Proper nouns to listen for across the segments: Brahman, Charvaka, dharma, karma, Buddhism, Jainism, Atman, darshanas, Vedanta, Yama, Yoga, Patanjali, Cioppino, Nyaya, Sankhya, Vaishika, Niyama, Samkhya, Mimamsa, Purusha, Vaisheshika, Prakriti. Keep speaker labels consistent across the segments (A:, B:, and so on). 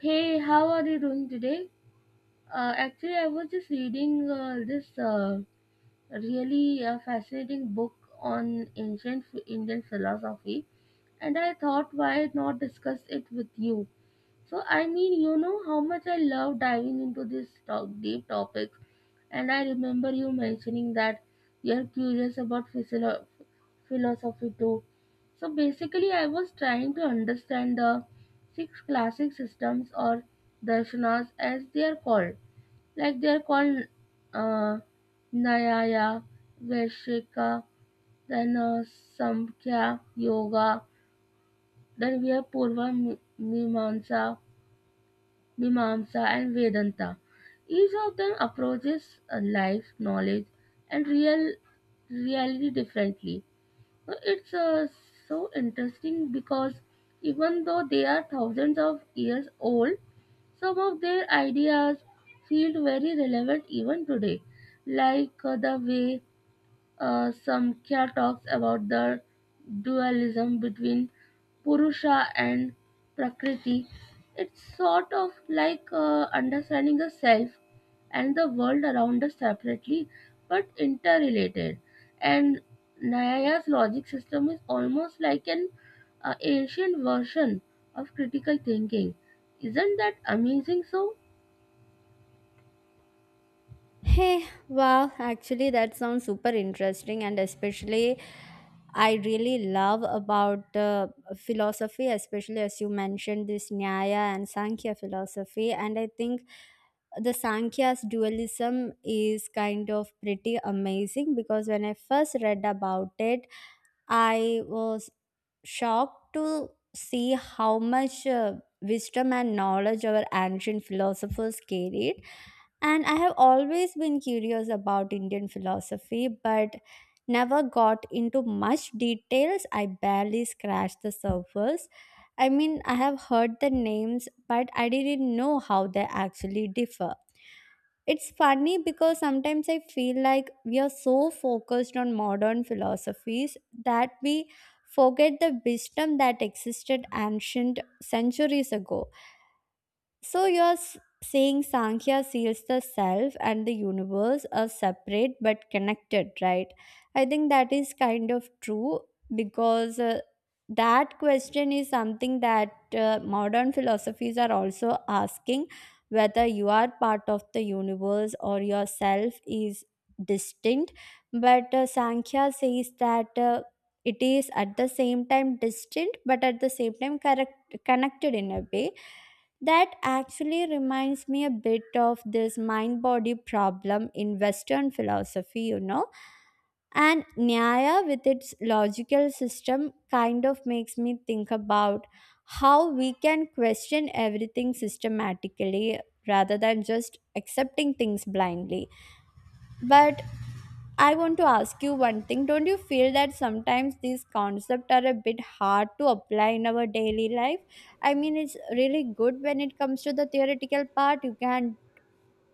A: Hey, how are you doing today? Actually, I was just reading this really fascinating book on ancient Indian philosophy, and I thought why not discuss it with you. I mean, you know how much I love diving into these deep topics, and I remember you mentioning that you're curious about philosophy too. So basically, I was trying to understand the six classic systems, or darshanas as they are called, like they are called uh, Nyaya, Vaishika, then Samkhya, Yoga, then we have Purva Mimamsa, and Vedanta. Each of them approaches life, knowledge, and reality differently. It's so interesting because even though they are thousands of years old, some of their ideas feel very relevant even today, like the way Samkhya talks about the dualism between Purusha and Prakriti. It's sort of like understanding the self and the world around us separately but interrelated. And Nyaya's logic system is almost like an ancient version of critical thinking. Isn't that amazing so?
B: Hey, wow, actually that sounds super interesting and especially I really love about philosophy, especially as you mentioned this Nyaya and Sankhya philosophy. And I think the Sankhya's dualism is kind of pretty amazing because when I first read about it, I was shocked to see how much wisdom and knowledge our ancient philosophers carried, and I have always been curious about Indian philosophy, but never got into much details. I barely scratched the surface. I mean, I have heard the names, but I didn't know how they actually differ. It's funny because sometimes I feel like we are so focused on modern philosophies that we forget the wisdom that existed ancient centuries ago. So saying Sankhya seals the self and the universe are separate but connected, right? I think that is kind of true because that question is something that modern philosophies are also asking, whether you are part of the universe or yourself is distinct. But Sankhya says that. It is at the same time distinct but at the same time correct, connected in a way that actually reminds me a bit of this mind body problem in Western philosophy, you know. And Nyaya, with its logical system, kind of makes me think about how we can question everything systematically rather than just accepting things blindly. But I want to ask you one thing. Don't you feel that sometimes these concepts are a bit hard to apply in our daily life? I mean, it's really good when it comes to the theoretical part. You can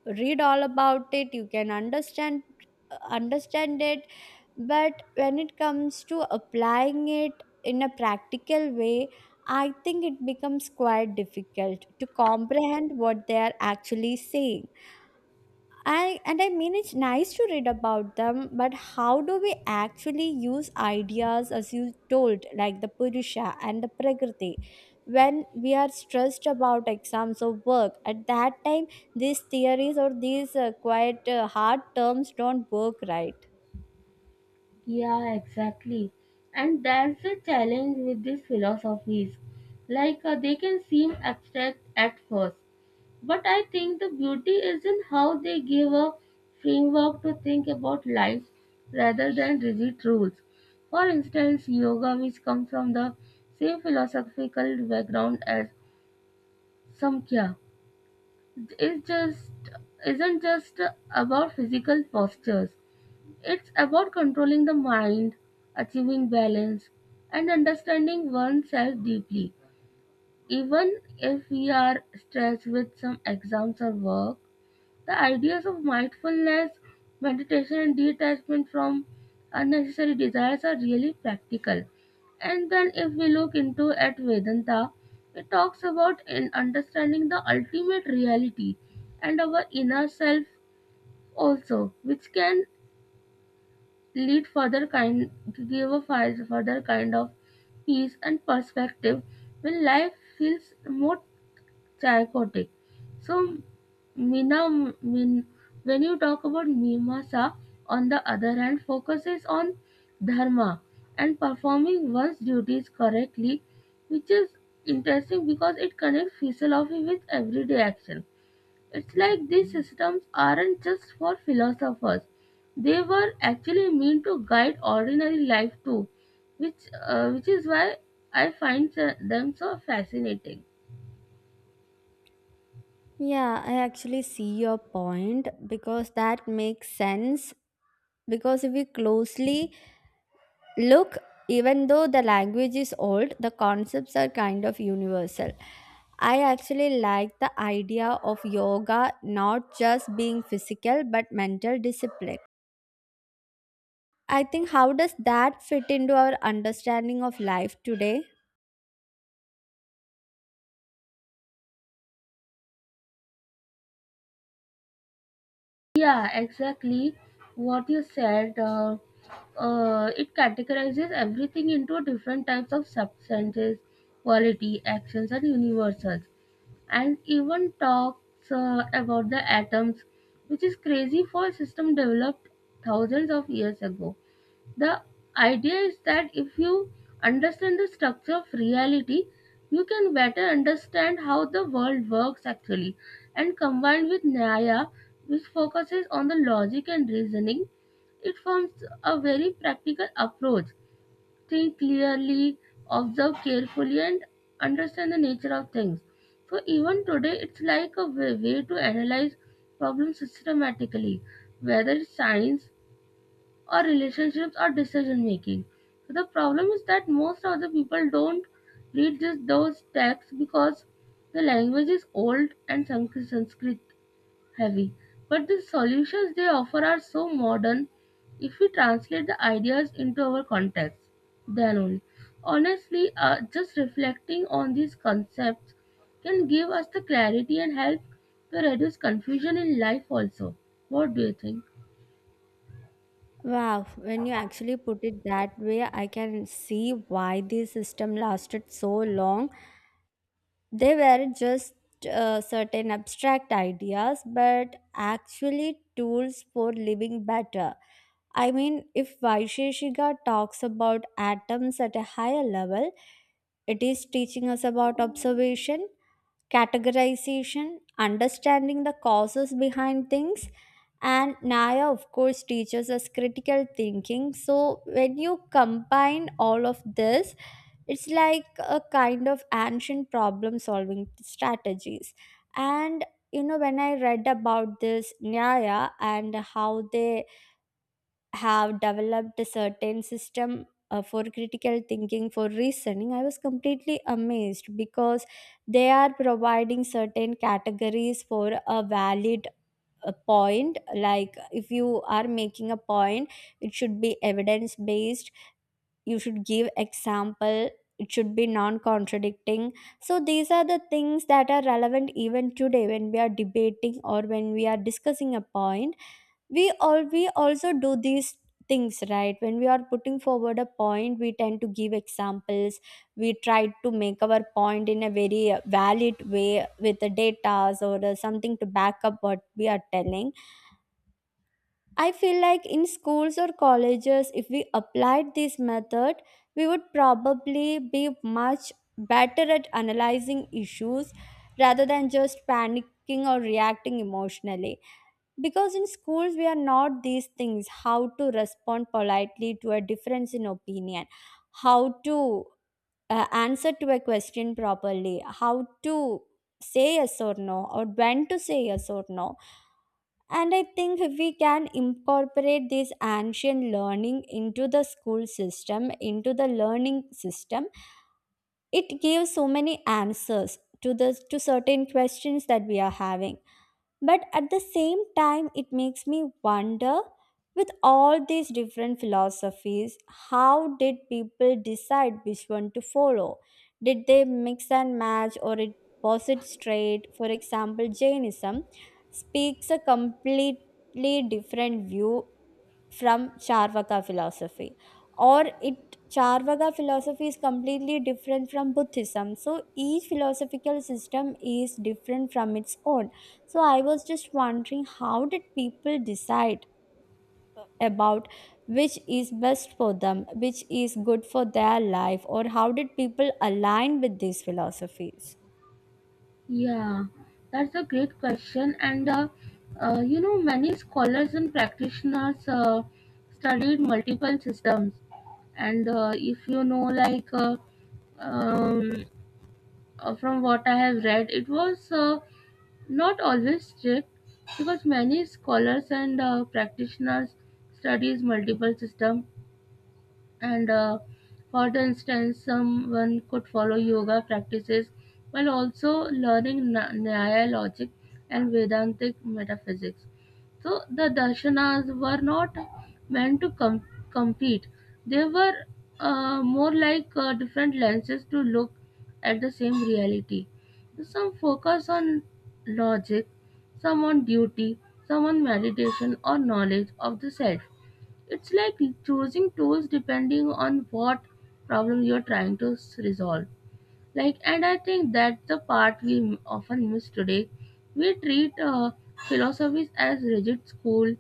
B: read all about it, you can understand it, but when it comes to applying it in a practical way, I think it becomes quite difficult to comprehend what they are actually saying. And I mean, it's nice to read about them, but how do we actually use ideas, as you told, like the Purusha and the Prakriti? When we are stressed about exams or work, at that time, these theories or these quite hard terms don't work right.
A: Yeah, exactly. And that's the challenge with these philosophies. Like they can seem abstract at first, but I think the beauty is in how they give a framework to think about life rather than rigid rules. For instance, yoga, which comes from the same philosophical background as Samkhya, is just isn't just about physical postures. It's about controlling the mind, achieving balance, and understanding oneself deeply. Even if we are stressed with some exams or work, the ideas of mindfulness, meditation, and detachment from unnecessary desires are really practical. And then, if we look into at Vedanta, it talks about in understanding the ultimate reality and our inner self also, which can lead further kind give a fi- further kind of peace and perspective when life feels more chaotic. So Mina, min, when you talk about Mimasa, on the other hand, focuses on dharma and performing one's duties correctly, which is interesting because it connects philosophy with everyday action. It's like these systems aren't just for philosophers, they were actually meant to guide ordinary life too, which is why I find them so fascinating.
B: Yeah, I actually see your point because that makes sense, because if we closely look, even though the language is old, the concepts are kind of universal. I actually like the idea of yoga not just being physical but mental discipline. I think how does that fit into our understanding of life today?
A: Yeah, exactly what you said. It categorizes everything into different types of substances, quality, actions, and universals, and even talks about the atoms, which is crazy for a system developed thousands of years ago. The idea is that if you understand the structure of reality, you can better understand how the world works actually. And combined with Nyaya, which focuses on the logic and reasoning, it forms a very practical approach: think clearly, observe carefully, and understand the nature of things. So, even today, it's like a way to analyze problems systematically, whether it's science or relationships or decision making. So, the problem is that most of the people don't read just those texts because the language is old and Sanskrit heavy. But the solutions they offer are so modern if we translate the ideas into our context, then only. Honestly, just reflecting on these concepts can give us the clarity and help to reduce confusion in life also. What do you think?
B: Wow, when you actually put it that way, I can see why this system lasted so long. They were just certain abstract ideas, but actually tools for living better. I mean, if Vaisheshika talks about atoms at a higher level, it is teaching us about observation, categorization, understanding the causes behind things. And Naya, of course, teaches us critical thinking. So, when you combine all of this, it's like a kind of ancient problem solving strategies. And, you know, when I read about this Nyaya and how they have developed a certain system for critical thinking, for reasoning, I was completely amazed because they are providing certain categories for a valid point. Like, if you are making a point, it should be evidence based, you should give example, it should be non contradicting. So these are the things that are relevant even today when we are debating or when we are discussing a point. We also do these things, right? When we are putting forward a point, we tend to give examples. We try to make our point in a very valid way with the data or something to back up what we are telling. I feel like in schools or colleges, if we applied this method, we would probably be much better at analyzing issues rather than just panicking or reacting emotionally, because in schools, we are not these things: how to respond politely to a difference in opinion, how to answer to a question properly, how to say yes or no, or when to say yes or no. And I think if we can incorporate this ancient learning into the school system, into the learning system, it gives so many answers to the to certain questions that we are having. But at the same time, it makes me wonder, with all these different philosophies, how did people decide which one to follow? Did they mix and match or it was it straight? For example, Jainism speaks a completely different view from Charvaka philosophy. Or it Charvaka philosophy is completely different from Buddhism. So each philosophical system is different from its own. So I was just wondering, how did people decide about which is best for them, which is good for their life, or how did people align with these philosophies?
A: Yeah, that's a great question. And You know, many scholars and practitioners studied multiple systems. And if you know, like um, from what I have read, it was not always strict because many scholars and practitioners studies multiple systems, and for instance someone could follow yoga practices while also learning न्याय logic and vedantic metaphysics. So the darshanas were not meant to compete. They were more like different lenses to look at the same reality. Some focus on logic, some on duty, some on meditation or knowledge of the self. It's like choosing tools depending on what problem you're trying to resolve. And I think that's the part we often miss today. We treat philosophies as rigid school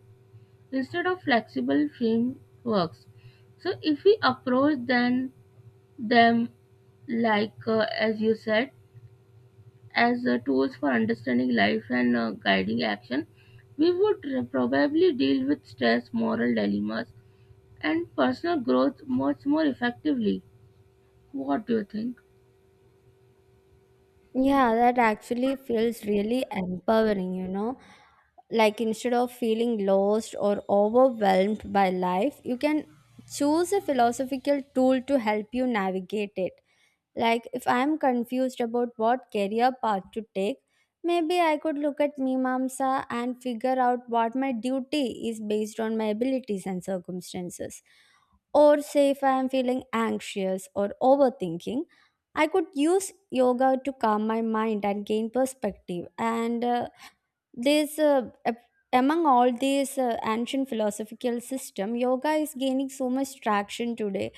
A: instead of flexible frameworks. So, if we approach then them like as you said, as tools for understanding life and guiding action, we would probably deal with stress, moral dilemmas, and personal growth much more effectively. What do you think?
B: Yeah, that actually feels really empowering, you know. Like, instead of feeling lost or overwhelmed by life, you can choose a philosophical tool to help you navigate it. Like, if I'm confused about what career path to take, maybe I could look at Mimamsa and figure out what my duty is based on my abilities and circumstances. Or say if I am feeling anxious or overthinking, I could use yoga to calm my mind and gain perspective. And this, uh, ap- among all these ancient philosophical system, yoga is gaining so much traction today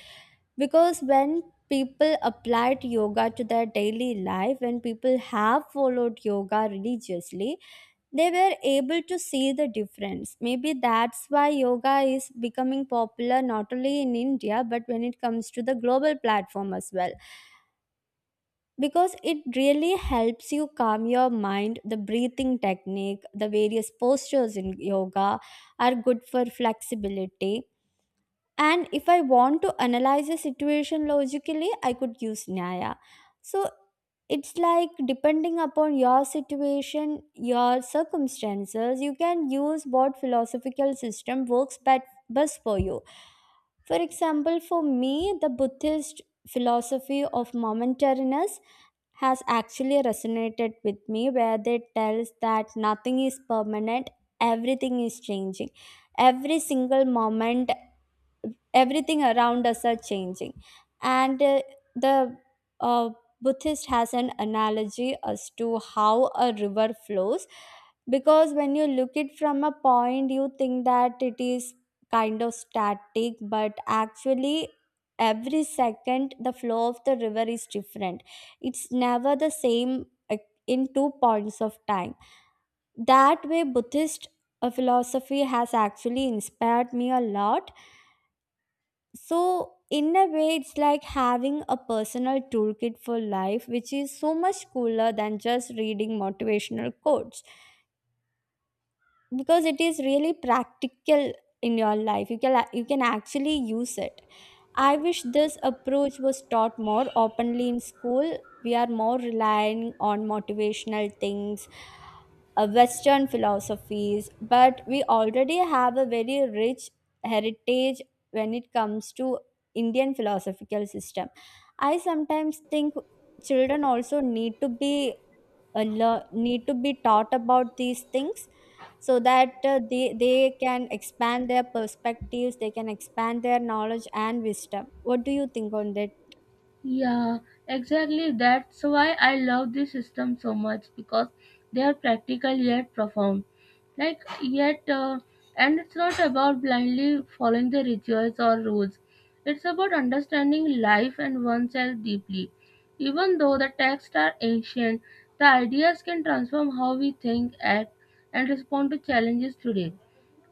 B: because when people applied yoga to their daily life, when people have followed yoga religiously, they were able to see the difference. Maybe that's why yoga is becoming popular not only in India but when it comes to the global platform as well, because it really helps you calm your mind. The breathing technique, the various postures in yoga are good for flexibility. And if I want to analyze a situation logically, I could use Nyaya. So it's like, depending upon your situation, your circumstances, you can use what philosophical system works best for you. For example, for me, the Buddhist philosophy of momentariness has actually resonated with me, where they tells that nothing is permanent, everything is changing, every single moment, everything around us are changing. And the uh, Buddhist has an analogy as to how a river flows, because when you look it from a point, you think that it is kind of static, but actually every second the flow of the river is different. It's never the same in 2 points of time. That way, Buddhist philosophy has actually inspired me a lot. So, in a way, it's like having a personal toolkit for life, which is so much cooler than just reading motivational quotes, because it is really practical in your life. You can actually use it. I wish this approach was taught more openly in school. We are more relying on motivational things, Western philosophies, but we already have a very rich heritage when it comes to Indian philosophical system. I sometimes think children also need to be need to be taught about these things, so that they can expand their perspectives, they can expand their knowledge and wisdom. What do you think on that?
A: Yeah, exactly. That's why I love this system so much because they are practical yet profound. Like, yet, uh, and it's not about blindly following the rituals or rules, it's about understanding life and oneself deeply. Even though the texts are ancient, the ideas can transform how we think, act, and respond to challenges today.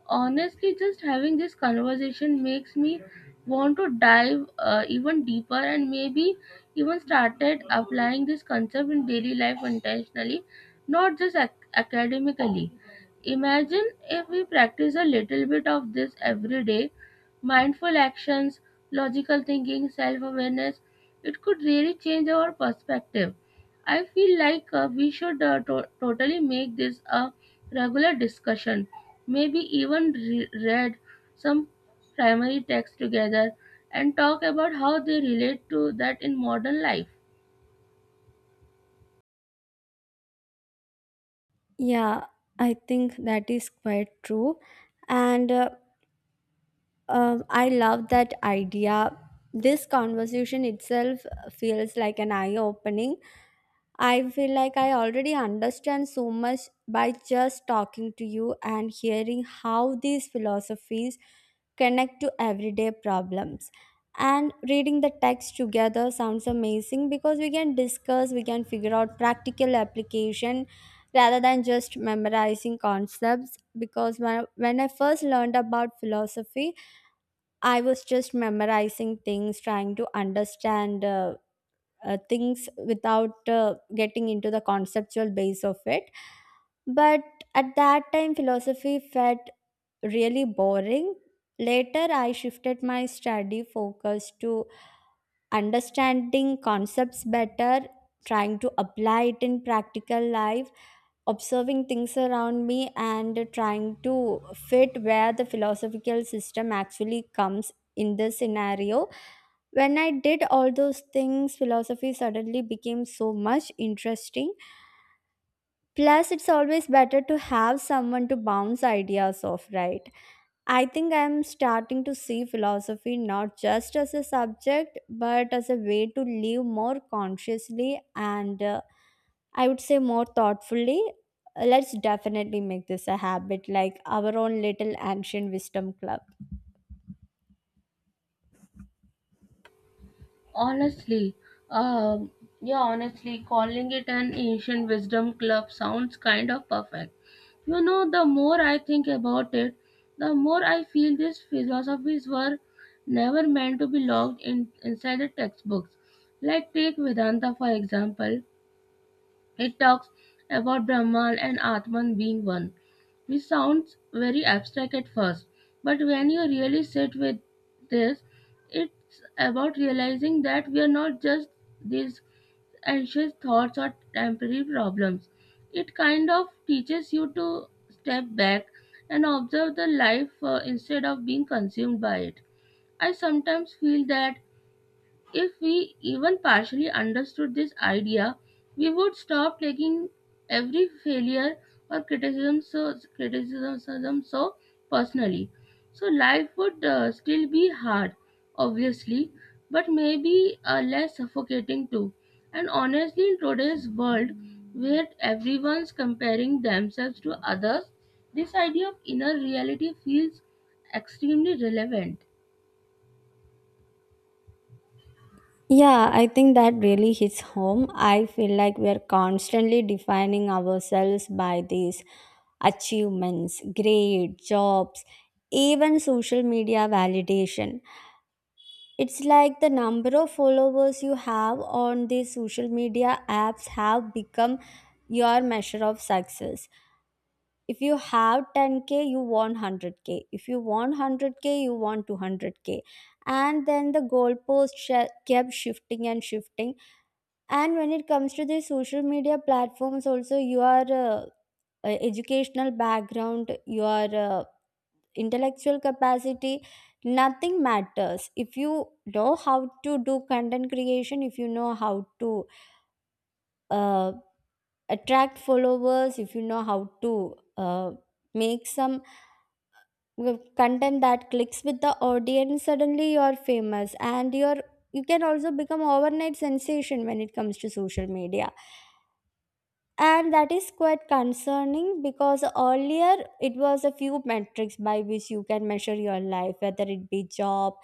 A: Honestly, just having this conversation makes me want to dive even deeper and maybe even started applying this concept in daily life intentionally, not just academically. Imagine if we practice a little bit of this every day: mindful actions, logical thinking, self awareness. It could really change our perspective. I feel like we should totally make this a regular discussion, maybe even read some primary texts together and talk about how they relate to that in modern life.
B: Yeah, I think that is quite true. And I love that idea. This conversation itself feels like an eye opening. I feel like I already understand so much by just talking to you and hearing how these philosophies connect to everyday problems. And reading the text together sounds amazing because we can discuss, we can figure out practical application rather than just memorizing concepts. Because when I first learned about philosophy, I was just memorizing things, trying to understand. Things without getting into the conceptual base of it. But at that time philosophy felt really boring. Later I shifted my study focus to understanding concepts better, trying to apply it in practical life, observing things around me and trying to fit where the philosophical system actually comes in this scenario. When I did all those things, philosophy suddenly became so much interesting. Plus, it's always better to have someone to bounce ideas off, right? I think I'm starting to see philosophy not just as a subject, but as a way to live more consciously and, I would say, more thoughtfully. Let's definitely make this a habit, like our own little ancient wisdom club.
A: Honestly, um, yeah, honestly, calling it an ancient wisdom club sounds kind of perfect. You know, the more I think about it, the more I feel these philosophies were never meant to be logged in inside the textbooks. Like take Vedanta for example. It talks about Brahman and Atman being one, which sounds very abstract at first, but when you really sit with this, it's about realizing that we are not just these anxious thoughts or temporary problems. It kind of teaches you to step back and observe the life instead of being consumed by it. I sometimes feel that if we even partially understood this idea, we would stop taking every failure or criticism so personally. So life would still be hard, obviously, but maybe less suffocating too. And honestly, in today's world, where everyone's comparing themselves to others, this idea of inner reality feels extremely relevant.
B: Yeah, I think that really hits home. I feel like we are constantly defining ourselves by these achievements, grade, jobs, even social media validation. It's like the number of followers you have on these social media apps have become your measure of success. If you have 10K, you want 100K. If you want 100K, you want 200K. And then the kept shifting and shifting. And when it comes to the social media platforms also, your educational background, your intellectual capacity, nothing matters. If you know how to do content creation, if you know how to uh, attract followers, if you know how to make some content that clicks with the audience, suddenly you're famous and you can also become overnight sensation when it comes to social media. And that is quite concerning, because earlier it was a few metrics by which you can measure your life, whether it be job,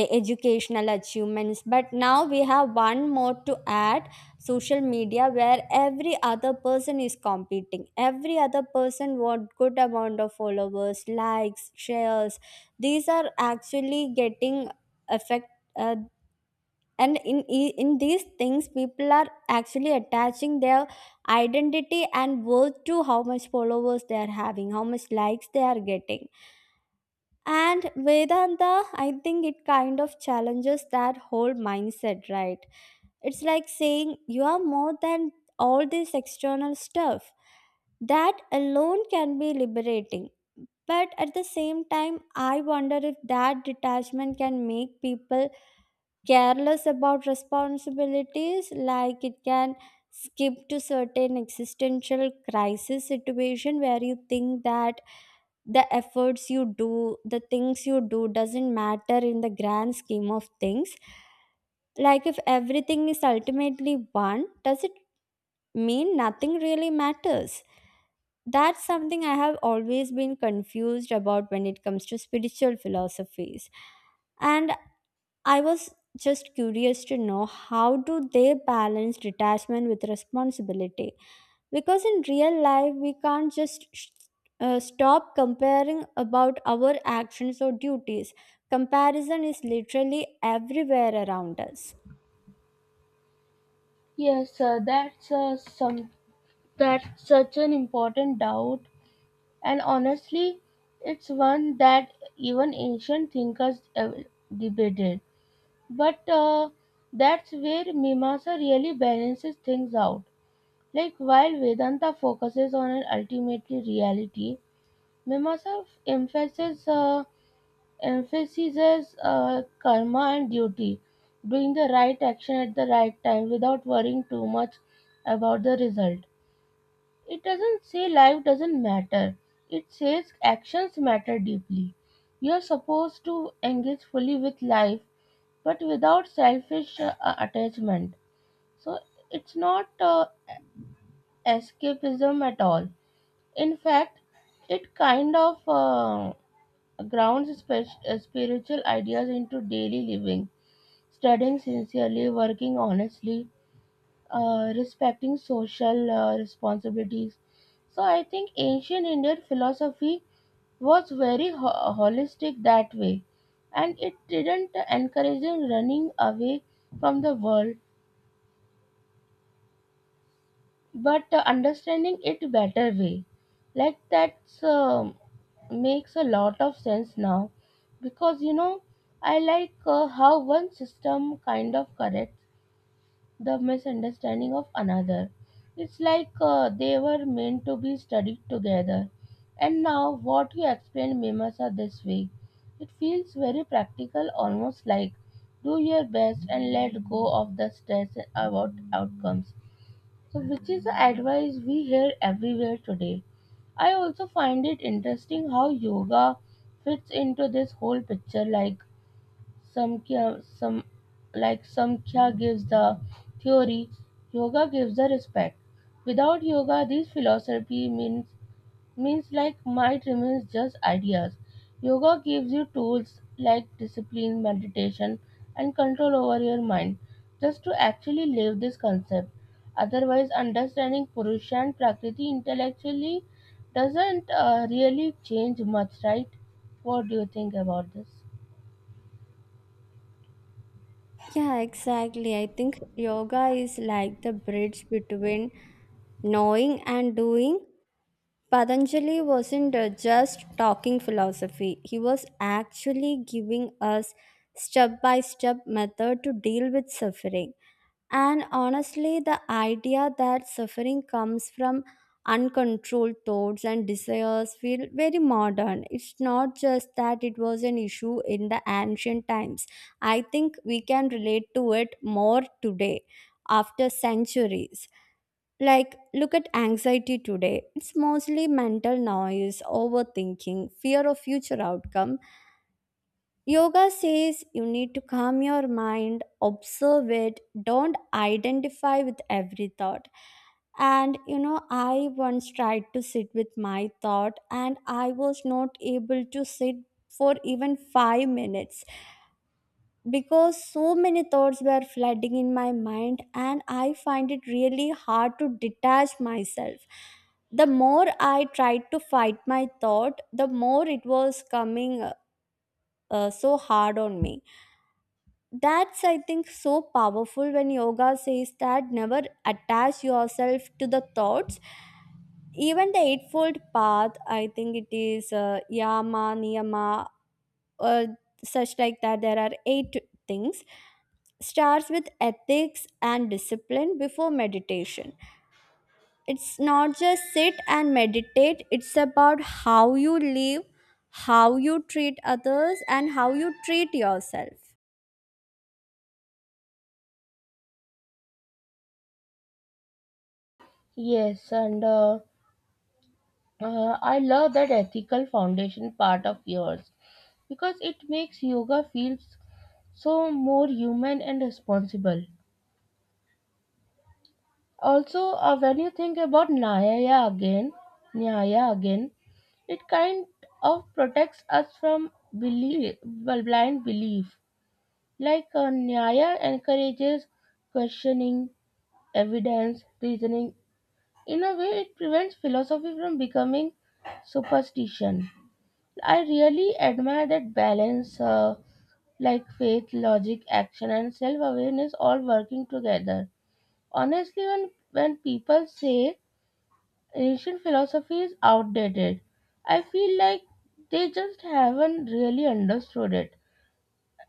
B: educational achievements, but now we have one more to add: social media, where every other person is competing, every other person want good amount of followers, likes, shares. These are actually getting affect, uh, and in these things people are actually attaching their identity and worth to how much followers they are having, how much likes they are getting. And Vedanta, I think it kind of challenges that whole mindset, right? It's like saying you are more than all this external stuff. That alone can be liberating, but at the same time, I wonder if that detachment can make people careless about responsibilities. Like, it can skip to certain existential crisis situation where you think that the efforts you do, the things you do, doesn't matter in the grand scheme of things. Like, if everything is ultimately one, does it mean nothing really matters? That's something I have always been confused about when it comes to spiritual philosophies. And I was just curious to know, how do they balance detachment with responsibility? Because in real life, we can't just stop comparing about our actions or duties. Comparison is literally everywhere around us.
A: Yes, uh, that's uh, some That's such an important doubt, and honestly, it's one that even ancient thinkers debated. But that's where Mimamsa really balances things out. Like while Vedanta focuses on an ultimately reality, Mimamsa emphasizes karma and duty, doing the right action at the right time without worrying too much about the result. It doesn't say life doesn't matter. It says actions matter deeply. You're supposed to engage fully with life, but without selfish attachment. So it's not escapism at all. In fact, it kind of grounds spiritual ideas into daily living, studying sincerely, working honestly, respecting social responsibilities. So I think ancient Indian philosophy was very holistic that way, and it didn't encourage running away from the world, but understanding it better way. Like that's makes a lot of sense now, because you know I like how one system kind of correct the misunderstanding of another. It's like they were meant to be studied together. And now, what you explained, Mimasa, this week, it feels very practical, almost like do your best and let go of the stress about outcomes. So, which is the advice we hear everywhere today. I also find it interesting how yoga fits into this whole picture. Like Samkhya, some like Samkhya gives the theory, yoga gives the respect. Without yoga, this philosophy means means like might remains just ideas. Yoga gives you tools like discipline, meditation, and control over your mind, just to actually live this concept. Otherwise, understanding Purusha and Prakriti intellectually doesn't really change much, right? What do you think about this?
B: Yeah, exactly. I think yoga is like the bridge between knowing and doing. Patanjali wasn't just talking philosophy, he was actually giving us step by step method to deal with suffering. And honestly, the idea that suffering comes from uncontrolled thoughts and desires feel very modern. It's not just that it was an issue in the ancient times. I think we can relate to it more today, after centuries. Like, look at anxiety today. It's mostly mental noise, overthinking, fear of future outcome. Yoga says you need to calm your mind, observe it, don't identify with every thought. And you know, I once tried to sit with my thought, and I was not able to sit for even 5 minutes, because so many thoughts were flooding in my mind, and I find it really hard to detach myself. The more I tried to fight my thought, the more it was coming so hard on me. That's, I think, so powerful when yoga says that never attach yourself to the thoughts. Even the eightfold path, I think it is yama niyama, uh, such like that, there are eight things. Starts with ethics and discipline before meditation. It's not just sit and meditate, it's about how you live, how you treat others, and how you treat yourself.
A: Yes, and I love that ethical foundation part of yours because it makes yoga feel so more human and responsible. Also, when you think about Nyaya again, it kind of protects us from blind belief. Like Nyaya encourages questioning, evidence, reasoning. In a way, it prevents philosophy from becoming superstition. I really admire that balance, like faith, logic, action, and self awareness all working together. Honestly, when people say ancient philosophy is outdated, I feel like they just haven't really understood it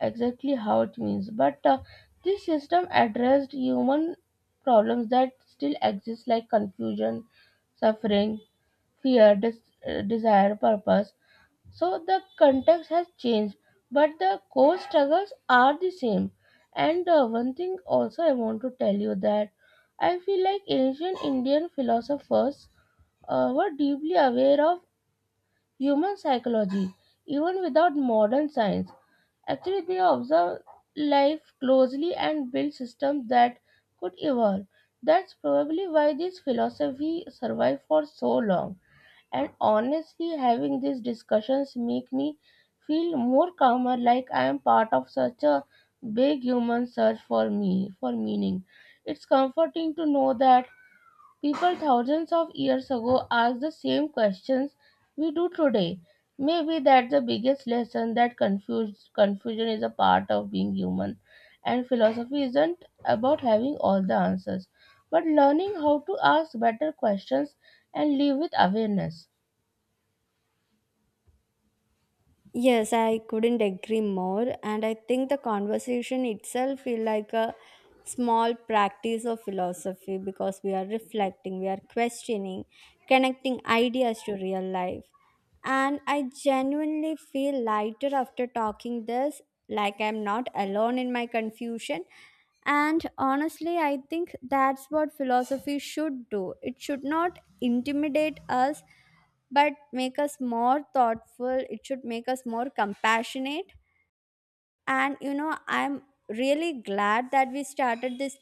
A: exactly how it means. But this system addressed human problems that still exist, like confusion, suffering, fear, desire, purpose. So the context has changed, but the core struggles are the same. And one thing also I want to tell you that I feel like ancient Indian philosophers were deeply aware of human psychology, even without modern science. Actually, they observed life closely and built systems that could evolve. That's probably why this philosophy survived for so long. And honestly, having these discussions make me feel more calmer, like I am part of such a big human search for me for meaning. It's comforting to know that people thousands of years ago asked the same questions we do today. Maybe that's the biggest lesson, that confusion is a part of being human, and philosophy isn't about having all the answers, but learning how to ask better questions and live with awareness.
B: Yes, I couldn't agree more. And I think the conversation itself feel like a small practice of philosophy, because we are reflecting, we are questioning, connecting ideas to real life. And I genuinely feel lighter after talking this, like I'm not alone in my confusion. And honestly, I think that's what philosophy should do. It should not intimidate us, but make us more thoughtful, it should make us more compassionate. And you know, I'm really glad that we started this,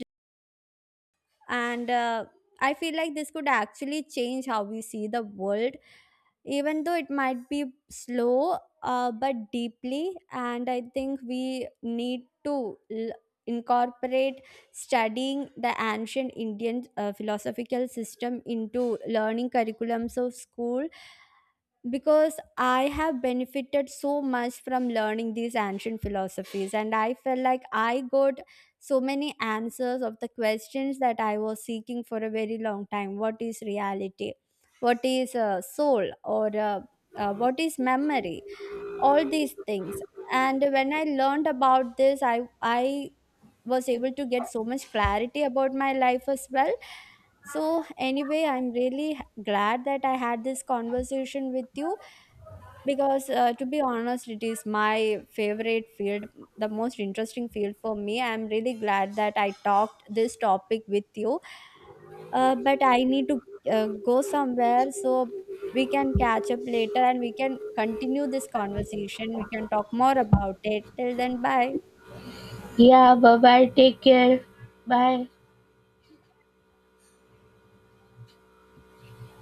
B: and I feel like this could actually change how we see the world, even though it might be slow, but deeply. And I think we need to incorporate studying the ancient Indian philosophical system into learning curriculums of school, because I have benefited so much from learning these ancient philosophies, and I felt like I got so many answers of the questions that I was seeking for a very long time. What is reality? What is soul? Or what is memory? All these things. And when I learned about this, I was able to get so much clarity about my life as well. So anyway, I'm really glad that I had this conversation with you, because to be honest, it is my favorite field, the most interesting field for me. I'm really glad that I talked this topic with you. But I need to go somewhere, so we can catch up later and we can continue this conversation. We can talk more about it. Till then, bye.
A: Yeah, bye bye. Take care. Bye.